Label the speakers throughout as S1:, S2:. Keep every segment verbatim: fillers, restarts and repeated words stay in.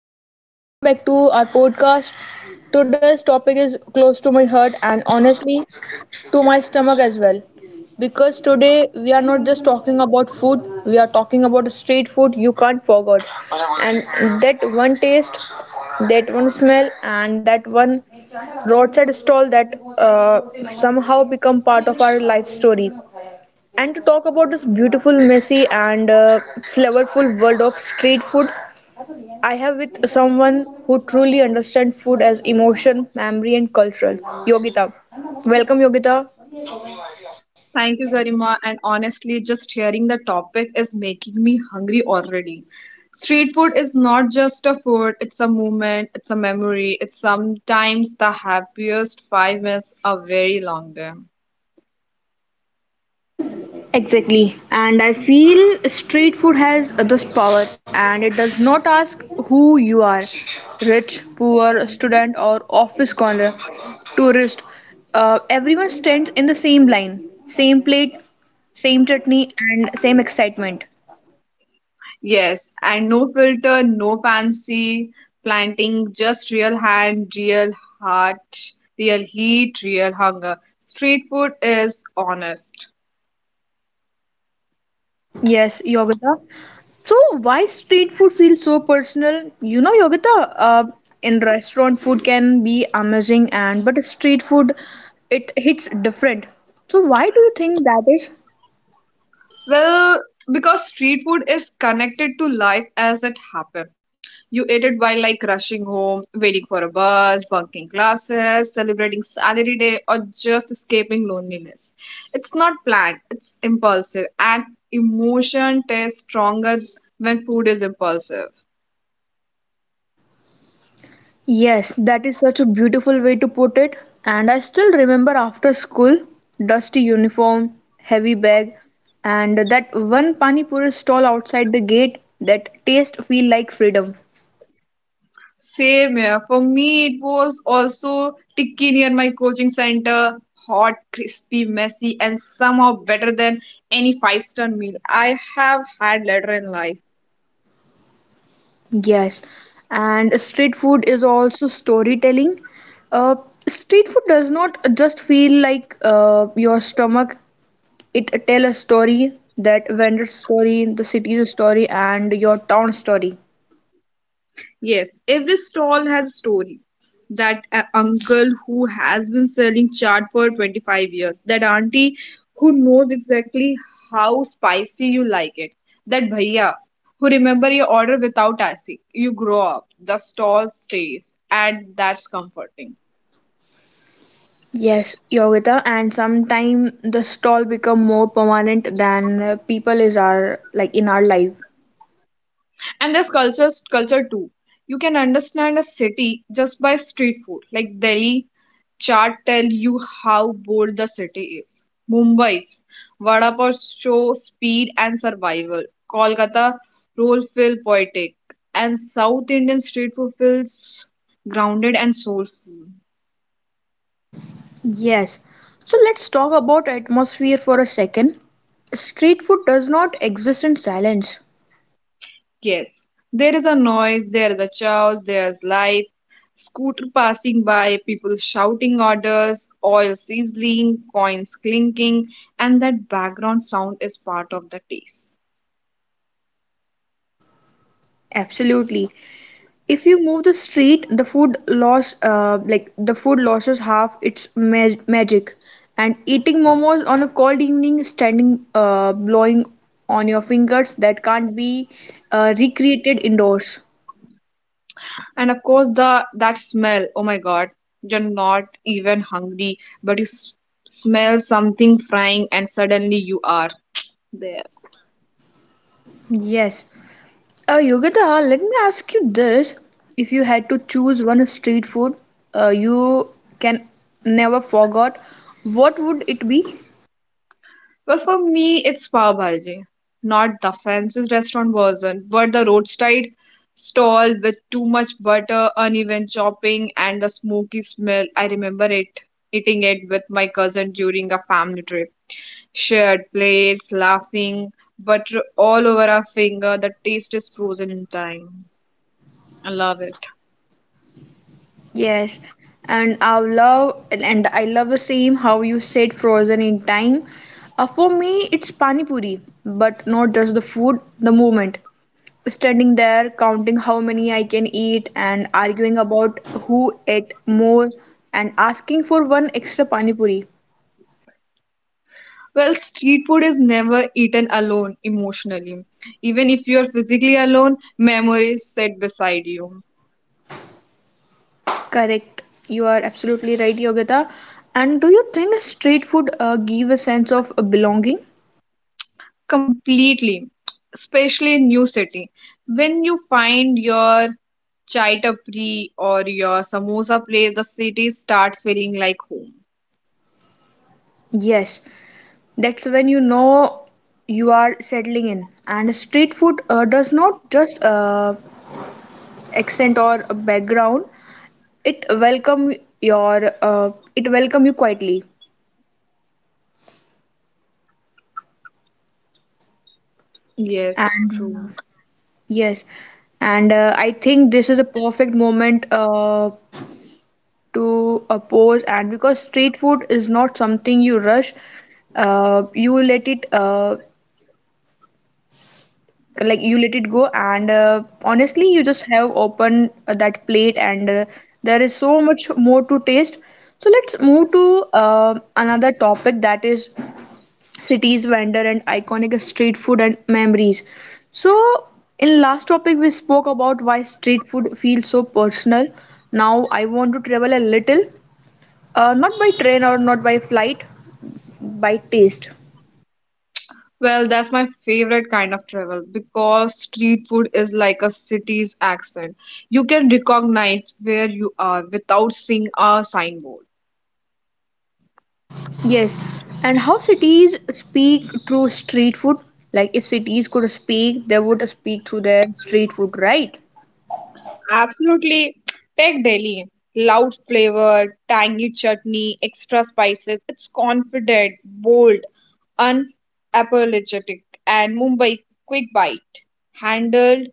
S1: everyone and welcome back to our podcast. Today's topic is close to my heart and honestly to my stomach as well, because today we are not just talking about food, we are talking about street food you can't forget. And that one taste, that one smell and that one roadside stall that uh, somehow become part of our life story. And to talk about this beautiful, messy and uh, flavorful world of street food, I have with someone who truly understands food as emotion, memory, and cultural. Yogita, welcome, Yogita.
S2: Thank you, Garima. And honestly, just hearing the topic is making me hungry already. Street food is not just a food, it's a moment, it's a memory, it's sometimes the happiest five minutes of very long day.
S1: Exactly, and I feel street food has this power, and it does not ask who you are, rich, poor, student, or office corner, tourist. Uh, everyone stands in the same line, same plate, same chutney, and same excitement.
S2: Yes, and no filter, no fancy planting, just real hand, real heart, real heat, real hunger. Street food is honest.
S1: Yes, Yogita. So, why street food feels so personal? You know, Yogita, uh, in restaurant food can be amazing and but street food it hits different. So, why do you think that is?
S2: Well, because street food is connected to life as it happened. You ate it while like rushing home, waiting for a bus, bunking classes, celebrating salary day, or just escaping loneliness. It's not planned, it's impulsive, and emotion tastes stronger when food is impulsive.
S1: Yes, that is such a beautiful way to put it. And I still remember after school, dusty uniform, heavy bag, and that one pani puri stall outside the gate that taste feel like freedom.
S2: Same here. For me, it was also Tikki near my coaching center, hot, crispy, messy, and somehow better than any five-star meal I have had later in life.
S1: Yes, and street food is also storytelling. Uh, Street food does not just feel like uh, your stomach, it tell a story that vendor's story, the city's story, and your town story.
S2: Yes, every stall has a story. That uh, uncle who has been selling chaat for twenty-five years, that auntie who knows exactly how spicy you like it, that bhaiya who remember your order without asking. You grow up, the stall stays, and that's comforting.
S1: Yes, Yogita, and sometime the stall become more permanent than uh, people is our like in our life.
S2: And there's culture culture too. You can understand a city just by street food. Like Delhi chart tell you how bold the city is. Mumbai's vada pav show speed and survival. Kolkata roll feel poetic, and south Indian street food feels grounded and soulful.
S1: Yes. So let's talk about atmosphere for a second. Street food does not exist in silence.
S2: Yes, there is a noise, there is a chaos, there's life, scooter passing by, people shouting orders, oil sizzling, coins clinking, and that background sound is part of the taste.
S1: Absolutely. If you move the street the food loss uh, like the food loses half its mag- magic, and eating momos on a cold evening standing uh, blowing on your fingers that can't be uh, recreated indoors.
S2: And of course, the that smell. Oh my God, you're not even hungry, but you s- smell something frying, and suddenly you are there.
S1: Yes, uh, Yogita, let me ask you this, if you had to choose one street food uh, you can never forget, what would it be?
S2: But for me, it's Pav Bhaji. Not the fanciest restaurant version, but the roadside stall with too much butter, uneven chopping, and the smoky smell. I remember it eating it with my cousin during a family trip. Shared plates, laughing, butter all over our finger. The taste is frozen in time. I love it.
S1: Yes, and I love and I love the same how you said frozen in time. Uh, for me, it's pani puri, but not just the food, the moment. Standing there, counting how many I can eat, and arguing about who ate more, and asking for one extra pani puri.
S2: Well, street food is never eaten alone emotionally. Even if you are physically alone, memories sit beside you.
S1: Correct. You are absolutely right, Yogita. And do you think street food uh, give a sense of belonging?
S2: Completely, especially in new city. When you find your chai tapri or your samosa place, the city start feeling like home.
S1: Yes. That's when you know you are settling in. And street food uh, does not just uh, accent or a background; it welcome your uh, it welcome you quietly.
S2: Yes,
S1: And
S2: true.
S1: yes, and uh, I think this is a perfect moment uh, to uh, pause. And because street food is not something you rush, uh, you let it uh, like you let it go, and uh, honestly you just have opened uh, that plate, and uh, there is so much more to taste. So let's move to uh, another topic, that is cities vendor and iconic street food and memories. So in last topic we spoke about why street food feels so personal. Now I want to travel a little, uh, not by train or not by flight, by taste.
S2: Well, that's my favorite kind of travel, because street food is like a city's accent. You can recognize where you are without seeing a signboard.
S1: Yes, and how cities speak through street food? Like if cities could speak, they would speak through their street food, right?
S2: Absolutely. Take Delhi. Loud flavor, tangy chutney, extra spices. It's confident, bold, unapologetic. And Mumbai, quick bite. Handled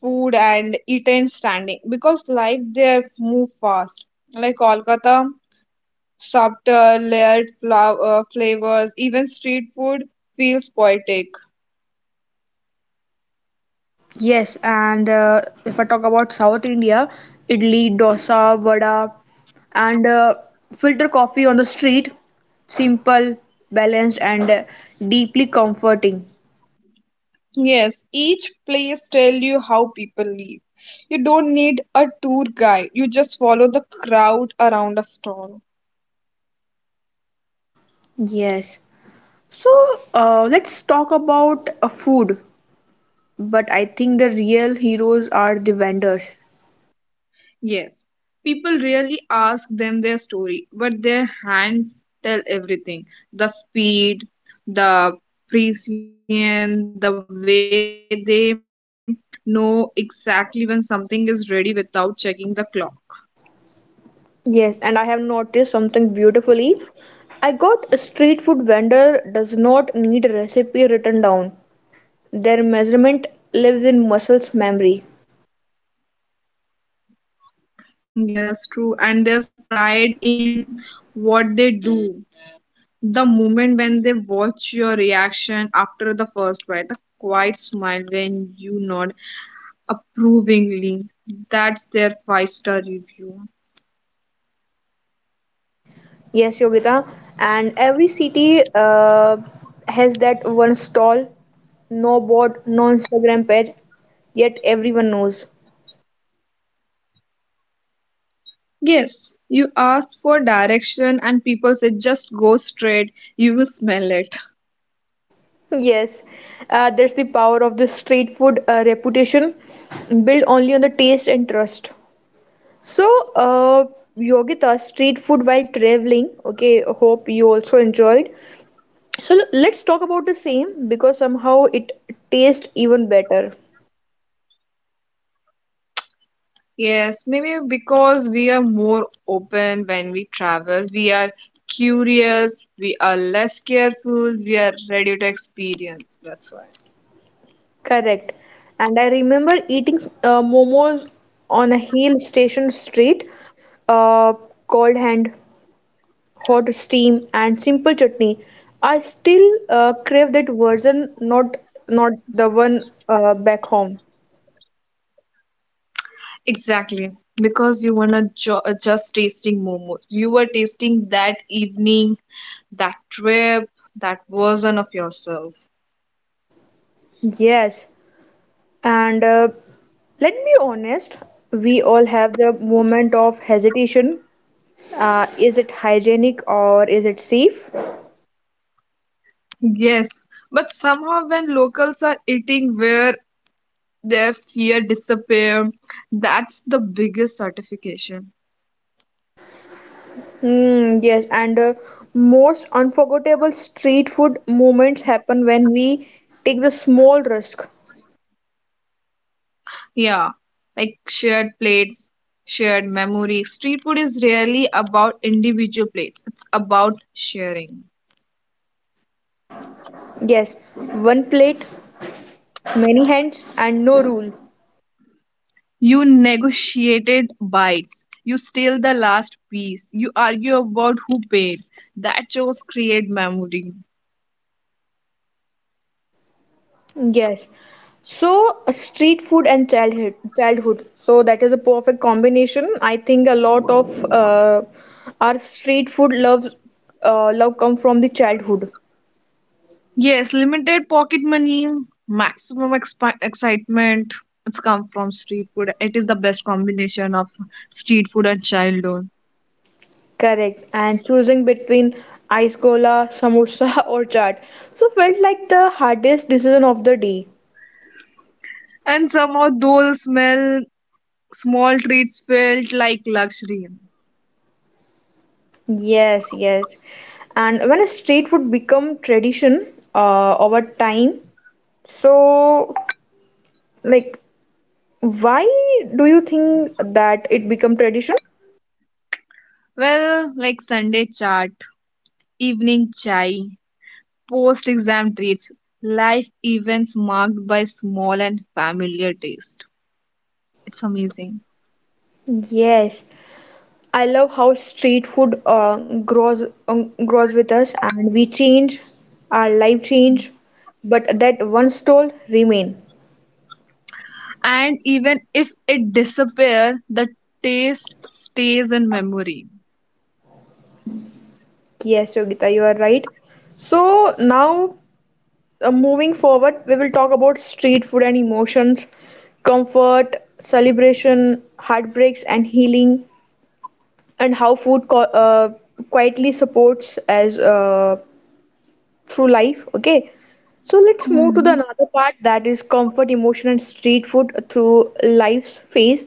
S2: food and eaten standing. Because life there move fast. Like Kolkata, subtle, layered flow- uh, flavors. Even street food feels poetic.
S1: Yes, and uh, if I talk about South India, idli, dosa, vada, and uh, filter coffee on the street, simple, balanced, and uh, deeply comforting.
S2: Yes, each place tell you how people live. You don't need a tour guide. You just follow the crowd around a stall.
S1: Yes. So uh, let's talk about uh, food. But I think the real heroes are the vendors.
S2: Yes, people really ask them their story, but their hands tell everything. The speed, the precision, the way they know exactly when something is ready without checking the clock.
S1: Yes, and I have noticed something beautifully. I got a street food vendor does not need a recipe written down. Their measurement lives in muscles memory.
S2: Yeah, that's true. And there's pride in what they do. The moment when they watch your reaction after the first bite, the quiet smile when you nod approvingly, that's their five star review.
S1: Yes, Yogita, and every city uh, has that one stall, no board, no Instagram page, yet everyone knows.
S2: Yes, you ask for direction and people say just go straight, you will smell it.
S1: Yes, uh, that's the power of the street food uh, reputation, built only on the taste and trust. So, uh, Yogita, street food while traveling. Okay, hope you also enjoyed. So, l- let's talk about the same because somehow it tastes even better.
S2: Yes, maybe because we are more open when we travel, we are curious, we are less careful, we are ready to experience. That's why.
S1: Correct. And I remember eating uh, momos on a hill station street, uh, cold hand, hot steam, and simple chutney. I still uh, crave that version, not not the one uh, back home.
S2: Exactly, because you weren't ju- just tasting momos. You were tasting that evening, that trip, that version of yourself.
S1: Yes. And uh, let me honest, we all have the moment of hesitation. Uh, is it hygienic or is it safe?
S2: Yes, but somehow when locals are eating where their fear disappear, that's the biggest certification.
S1: Mm, yes, and uh, most unforgettable street food moments happen when we take the small risk.
S2: Yeah, like shared plates, shared memory. Street food is rarely about individual plates. It's about sharing.
S1: Yes, one plate, many hands, and no rule.
S2: You negotiated bites. You steal the last piece. You argue about who paid. That shows create memory.
S1: Yes. So street food and childhood childhood. So that is a perfect combination. I think a lot of uh, our street food loves uh, love come from the childhood.
S2: Yes, limited pocket money, maximum expi- excitement. It's come from street food. It is the best combination of street food and childhood.
S1: Correct. And choosing between ice gola, samosa or chaat. So felt like the hardest decision of the day.
S2: And somehow those smell small treats felt like luxury.
S1: Yes, yes. And when a street food become tradition uh, over time, so like, why do you think that it become tradition?
S2: Well, like Sunday chat, evening chai, post exam treats, life events marked by small and familiar taste. It's amazing.
S1: Yes, I love how street food uh, grows um, grows with us, and we change, our life change, but that one stall remain.
S2: And even if it disappears, the taste stays in memory.
S1: Yes, Yogita, you are right. So now, uh, moving forward, we will talk about street food and emotions, comfort, celebration, heartbreaks, and healing, and how food co- uh, quietly supports as uh, through life. Okay, so let's move to the
S2: Mhm.
S1: another part, that is comfort emotion and street food through life's phase.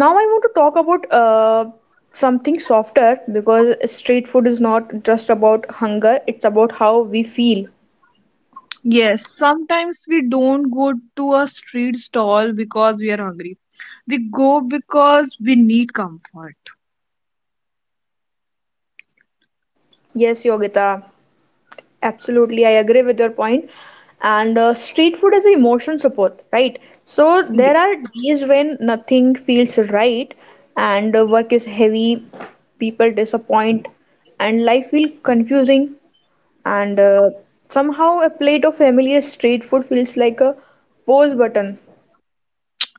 S1: Now I want to talk about uh, something softer, because street food is not just about hunger, it's about how we feel.
S2: Yes, sometimes we don't go to a street stall because we are hungry. We go because we need comfort.
S1: Yes, Yogita. Absolutely, I agree with your point. And uh, street food is emotion support, right? So there are
S2: Yes.
S1: days when nothing feels right, and uh, work is heavy, people disappoint, and life feels confusing. And uh, somehow a plate of familiar street food feels like a pause button.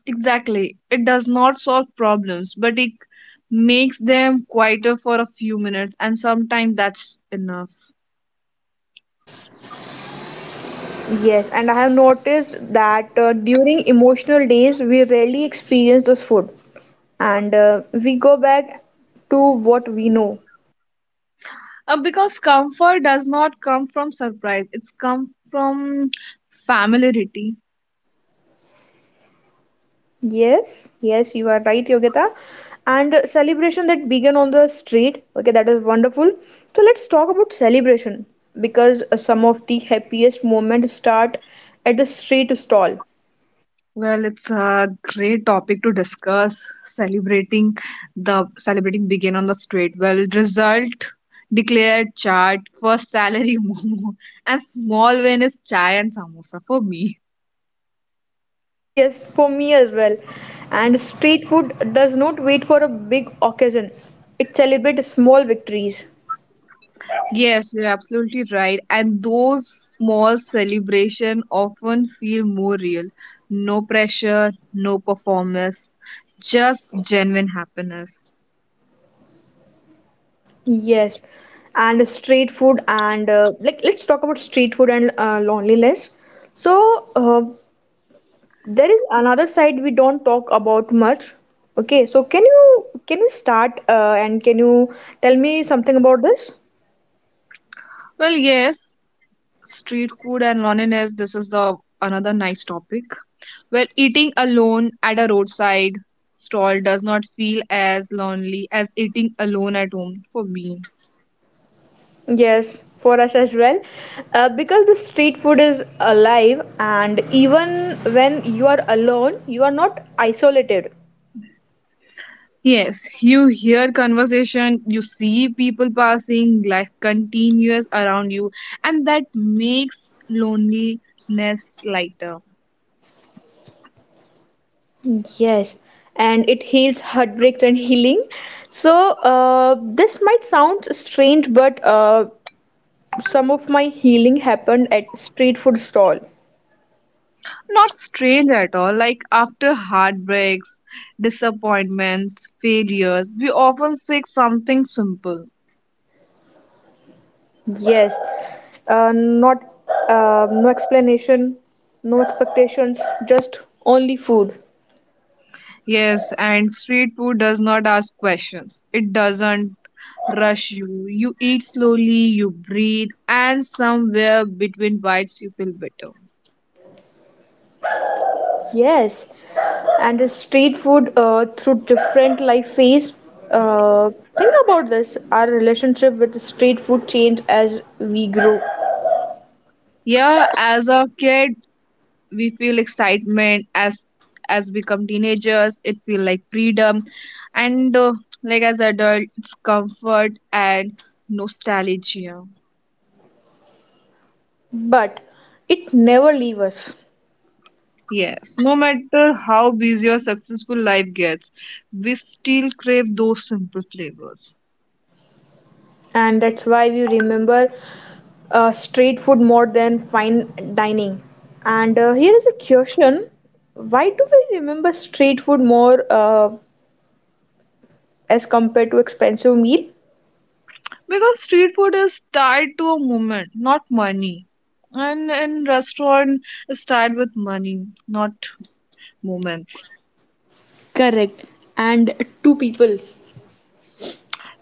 S2: Exactly. It does not solve problems, but it makes them quieter for a few minutes, and sometimes that's enough.
S1: Yes, and I have noticed that uh, during emotional days we rarely experience this food, and uh, we go back to what we know.
S2: Uh, because comfort does not come from surprise, it's come from familiarity.
S1: Yes, yes, you are right, Yogita. And uh, celebration that began on the street. Okay, that is wonderful. So let's talk about celebration because uh, some of the happiest moments start at the street stall.
S2: Well, it's a great topic to discuss. Celebrating the celebrating began on the street. Well, result declared chart, first salary momo, and small win is chai and samosa for me.
S1: Yes, for me as well. And street food does not wait for a big occasion. It celebrates small victories.
S2: Yes, you're absolutely right. And those small celebration often feel more real. No pressure, no performance, just genuine happiness.
S1: Yes, and street food and uh, like let's talk about street food and uh, loneliness. So uh, there is another side we don't talk about much. Okay, so can you can we start uh, and can you tell me something about this?
S2: Well, yes, street food and loneliness, this is the another nice topic. Well, eating alone at a roadside stall does not feel as lonely as eating alone at home for me.
S1: Yes, for us as well, uh, because the street food is alive, and even when you are alone, you are not isolated.
S2: Yes, you hear conversation, you see people passing, life continues around you, and that makes loneliness lighter.
S1: Yes, and it heals heartbreaks and healing. So, uh, this might sound strange, but uh, some of my healing happened at street food stall.
S2: Not strange at all. Like after heartbreaks, disappointments, failures, we often seek something simple.
S1: Yes, uh, not uh, no explanation, no expectations, just only food.
S2: Yes, and street food does not ask questions. It doesn't rush you. You eat slowly, you breathe, and somewhere between bites you feel better.
S1: Yes, and the street food uh, through different life phase. Uh, think about this. Our relationship with the street food change as we grow,
S2: Yeah, as a kid, we feel excitement. As as become teenagers, it feel like freedom, and uh, like as adult, it's comfort and nostalgia.
S1: but it never leave us.
S2: Yes, no matter how busy or successful life gets, we still crave those simple flavors,
S1: And that's why we remember uh, street food more than fine dining. And uh, here is a question: why do we remember street food more uh, as compared to expensive meal?
S2: because street food is tied to a moment, not money. And in restaurant, it's tied with money, not moments.
S1: Correct. And two people.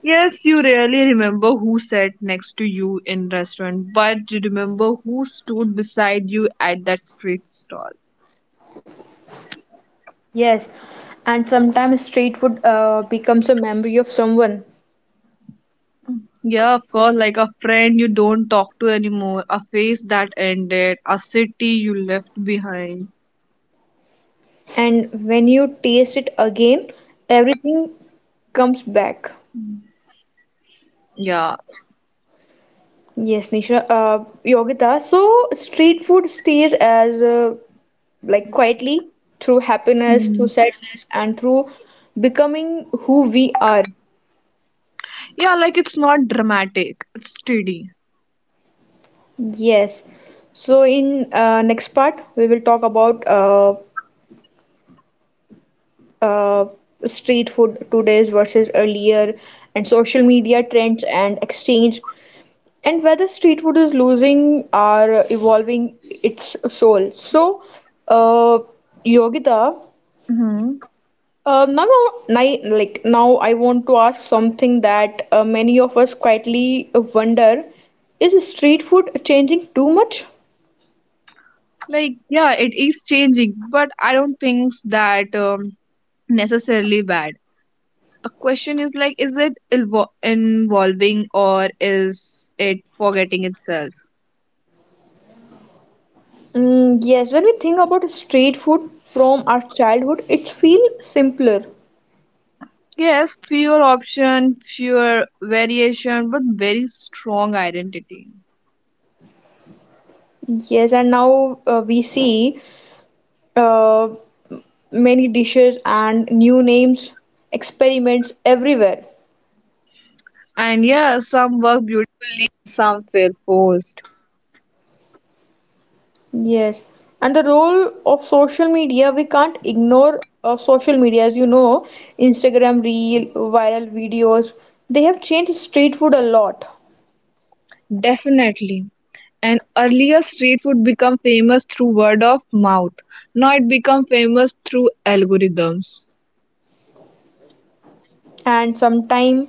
S2: Yes, you rarely remember who sat next to you in restaurant, but you remember who stood beside you at that street stall.
S1: Yes, and sometimes street food uh, becomes a memory of someone,
S2: Yeah, of course, like a friend you don't talk to anymore, a face that ended, a city you left behind.
S1: and when you taste it again, everything comes back.
S2: Mm. Yeah.
S1: Yes, Nisha, uh, Yogita. So street food stays as uh, like quietly through happiness, through
S2: Mm.
S1: sadness, and through becoming who we are.
S2: Yeah, like it's not dramatic, it's steady.
S1: Yes. So in uh, next part, we will talk about uh, uh, street food today's versus earlier, and social media trends and exchange, and whether street food is losing or evolving its soul. So, uh, Yogita.
S2: Hmm.
S1: Uh, now, I like now, I want to ask something that uh, many of us quietly wonder: is street food changing too much?
S2: Like, yeah, it is changing, but I don't think that um, necessarily bad. The question is like, is it ilvo involving, or is it forgetting itself?
S1: Mm, yes, when we think about street food from our childhood, it feels simpler.
S2: Yes, fewer option, fewer variation, but very strong identity.
S1: Yes, and now uh, we see uh, many dishes and new names, experiments everywhere.
S2: And yeah, some
S1: Yes, and the role of social media, we can't ignore uh, social media. As you know, Instagram reel, viral videos, they have changed street food a lot, and sometime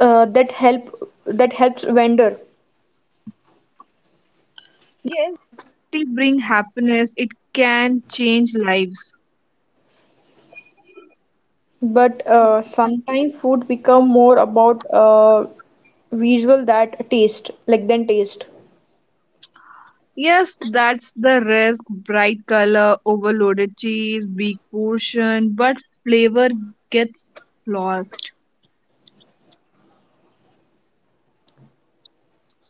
S1: uh, that help that helps vendor.
S2: lives.
S1: But uh, sometimes food become more about uh, visual that taste, like than taste.
S2: Yes, that's the risk. Bright color, overloaded cheese, big portion, but flavor gets lost.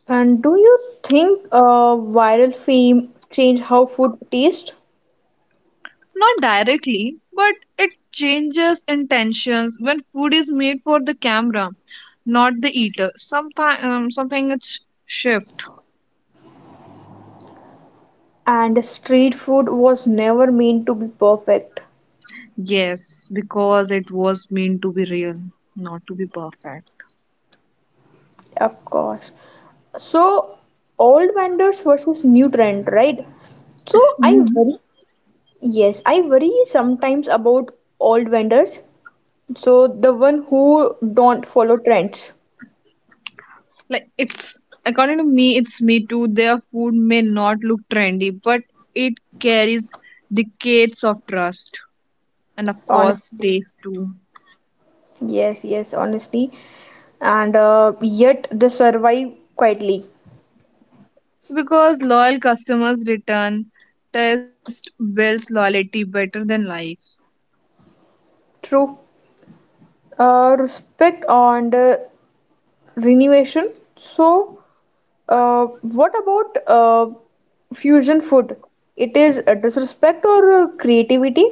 S1: And do you think uh, viral fame change how food taste?
S2: Not directly, but it changes intentions when food is made for the camera, not the eater. Sometimes um, something it's shift.
S1: And street food was never meant to be perfect.
S2: Yes, because it was meant to be real, not to be perfect.
S1: Of course. So old vendors versus new trend, right? So I worry, yes, I worry sometimes about old vendors, so the one who don't follow trends.
S2: Like it's according to me, it's me too. Their food may not look trendy, but it carries decades of trust, and of course
S1: Honestly
S2: taste too.
S1: yes yes Honestly, and uh, yet they survive quietly.
S2: Because loyal customers return, taste builds loyalty better than likes.
S1: True. Uh, respect and uh, renovation. So Uh, what about uh, fusion food? It is a disrespect or uh, creativity,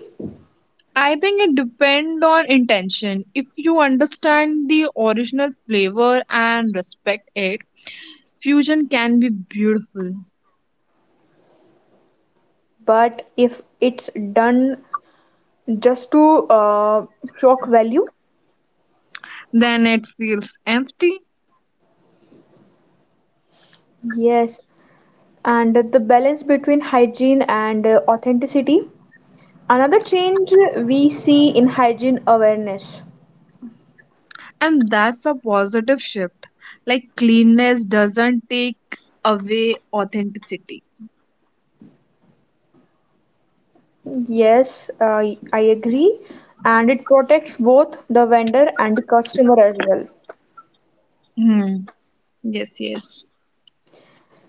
S2: I think it depends on intention. If you understand the original flavor and respect it, fusion can be beautiful.
S1: but if it's done just to uh, shock value.
S2: Then it feels empty.
S1: Yes. And the balance between hygiene and uh, authenticity. Another change we see in hygiene awareness.
S2: And that's a positive shift. Like cleanness doesn't take away authenticity.
S1: Yes, I I agree, and it protects both the vendor and the customer as well.
S2: Hmm. Yes, yes.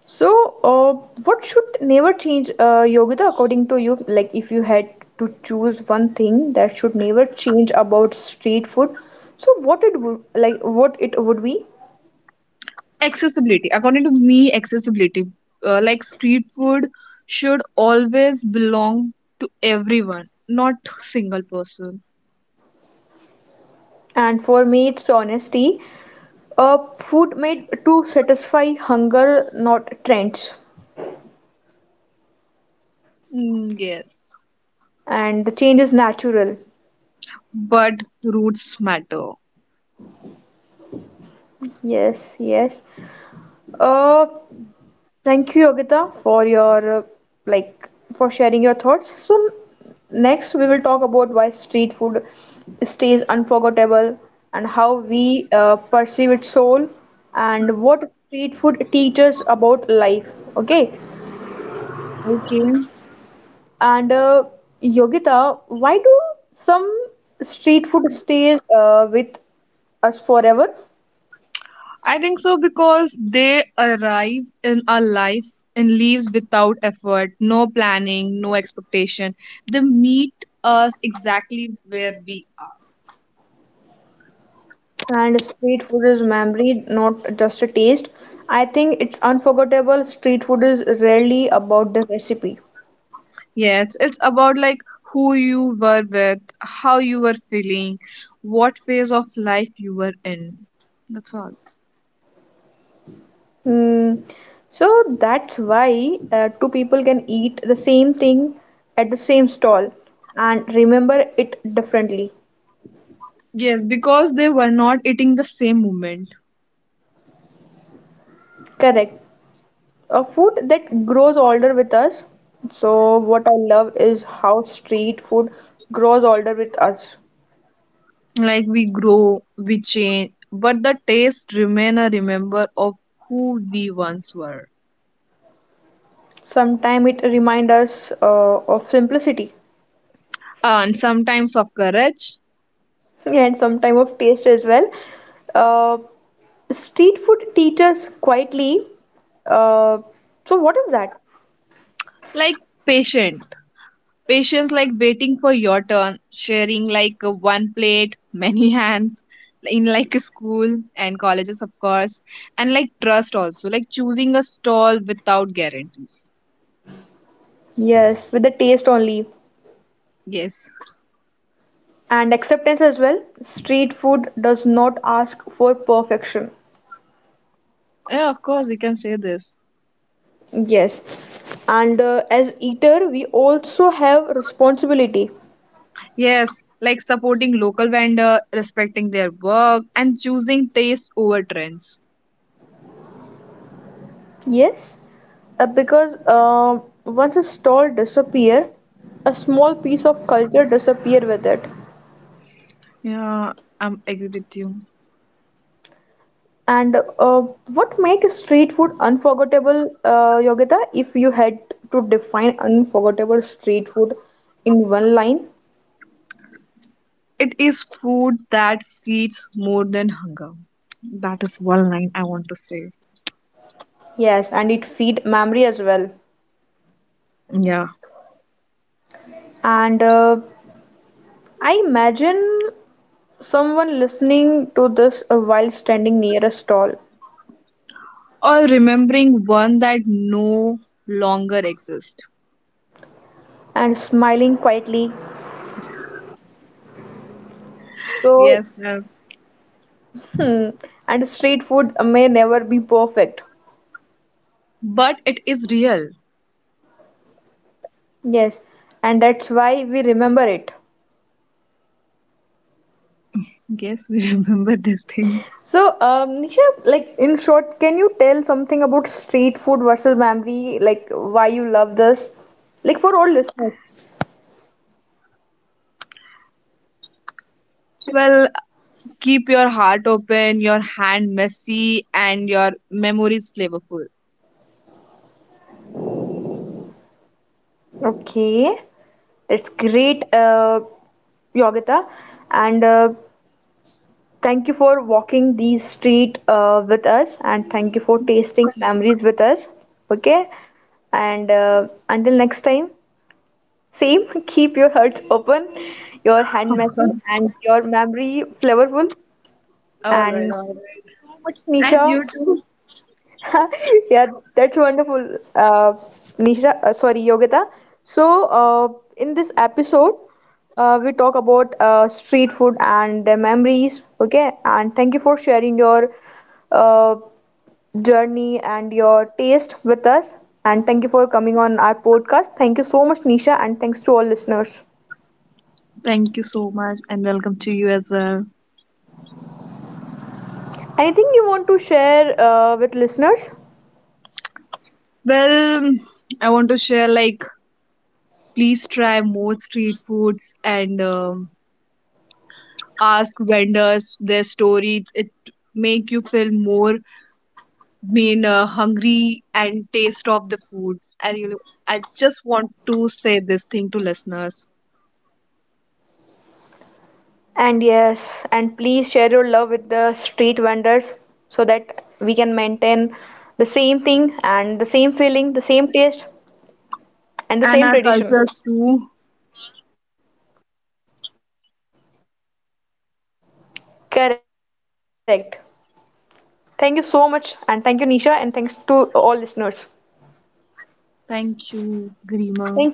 S1: So, uh, what should never change, uh, Yogita, according to you? Like, if you had to choose one thing that should never change about street food, so what it would like, what it would be?
S2: Accessibility. According to me, accessibility. Uh, like street food should always belong to everyone, not single person.
S1: And for me, it's honesty. Uh, food made to satisfy hunger, not trends.
S2: Mm, yes.
S1: And the change is natural.
S2: But roots matter.
S1: Yes, yes. Uh, Thank you, Yogita, for your uh, like for sharing your thoughts. So next we will talk about why street food stays unforgettable and how we uh, perceive its soul and what street food teaches about life. Okay,
S2: Okay.
S1: and uh, Yogita, why do some street food stays uh, with us forever?
S2: I think so, because they arrive in our life and leaves without effort, no planning, no expectation. They meet us exactly where we are.
S1: And street food is memory, not just a taste. I think it's unforgettable. Street food is rarely about the recipe.
S2: Yes, it's about like who you were with, how you were feeling, what phase of life you were in. That's all.
S1: Mm, so that's why uh, two people can eat the same thing at the same stall and remember it differently.
S2: Yes, because they were not eating the same moment.
S1: Correct. A food that grows older with us. So what I love is how street food grows older with us.
S2: Like we grow, we change, but the taste remain a remember of who we once were.
S1: Sometimes it reminds us uh, of simplicity
S2: And sometimes of courage.
S1: and some time of taste as well. Uh, Street food teaches quietly. Uh, so what is that?
S2: Like patient, patience, like waiting for your turn, sharing, like uh, one plate many hands in like a school and colleges of course, and like trust also, like choosing a stall without guarantees.
S1: Yes, with the taste only,
S2: Yes.
S1: and acceptance as well. Street food does not ask for perfection.
S2: Yeah, of course we can say this.
S1: Yes, and uh, as eater, we also have responsibility.
S2: Yes, like supporting local vendor, respecting their work, and choosing taste over trends.
S1: Yes, uh, because uh, once a stall disappear, a small piece of culture disappear with it.
S2: Yeah, I am agree with you.
S1: And uh, what makes street food unforgettable, uh, Yogita, if you had to define unforgettable street food in one line?
S2: It is food that feeds more than hunger. That is one line I want to say.
S1: Yes, and it feed memory as well.
S2: Yeah.
S1: And uh, I imagine someone listening to this uh, while standing near a stall
S2: Or remembering one that no longer exists.
S1: and smiling quietly. So,
S2: Yes, yes.
S1: hmm, and street food may never be perfect.
S2: But it is real.
S1: Yes, and that's why we remember it.
S2: Yes, we remember these things.
S1: So, um, Nisha, like in short, can you tell something about street food versus Mamvi? Like why you love this? Like for all listeners.
S2: Well, keep your heart open, your hand messy, and your memories flavorful.
S1: Okay, that's great, uh, Yogita, and uh, thank you for walking these street uh, with us, and thank you for tasting memories with us. Okay, and uh, until next time, same. Keep your hearts open, your hand
S2: Of
S1: messy,
S2: course.
S1: and your memory flavorful,
S2: All right,
S1: and
S2: all
S1: much,
S2: right.
S1: Nisha.
S2: And you too.
S1: Yeah, that's wonderful. Uh, Nisha, uh, sorry, Yogita. So, uh, in this episode, uh, we talk about uh, street food and their memories. Okay, and thank you for sharing your uh, journey and your taste with us. And thank you for coming on our podcast. Thank you so much, Nisha, and thanks to all listeners.
S2: Thank you so much and welcome to you as well.
S1: Anything you want to share uh, with listeners?
S2: Well, I want to share like, please try more street foods and um, ask vendors their stories. It make you feel more mean uh, hungry and taste of the food. I really, I just want to say this thing to listeners
S1: And yes, and please share your love with the street vendors so that we can maintain the same thing and the same feeling, the same taste,
S2: and our
S1: and the same
S2: cultures
S1: tradition.
S2: too.
S1: Correct. Thank you so much, and thank you, Nisha, and thanks to all listeners. Thank you, Yogita.
S2: Thank you, Grima.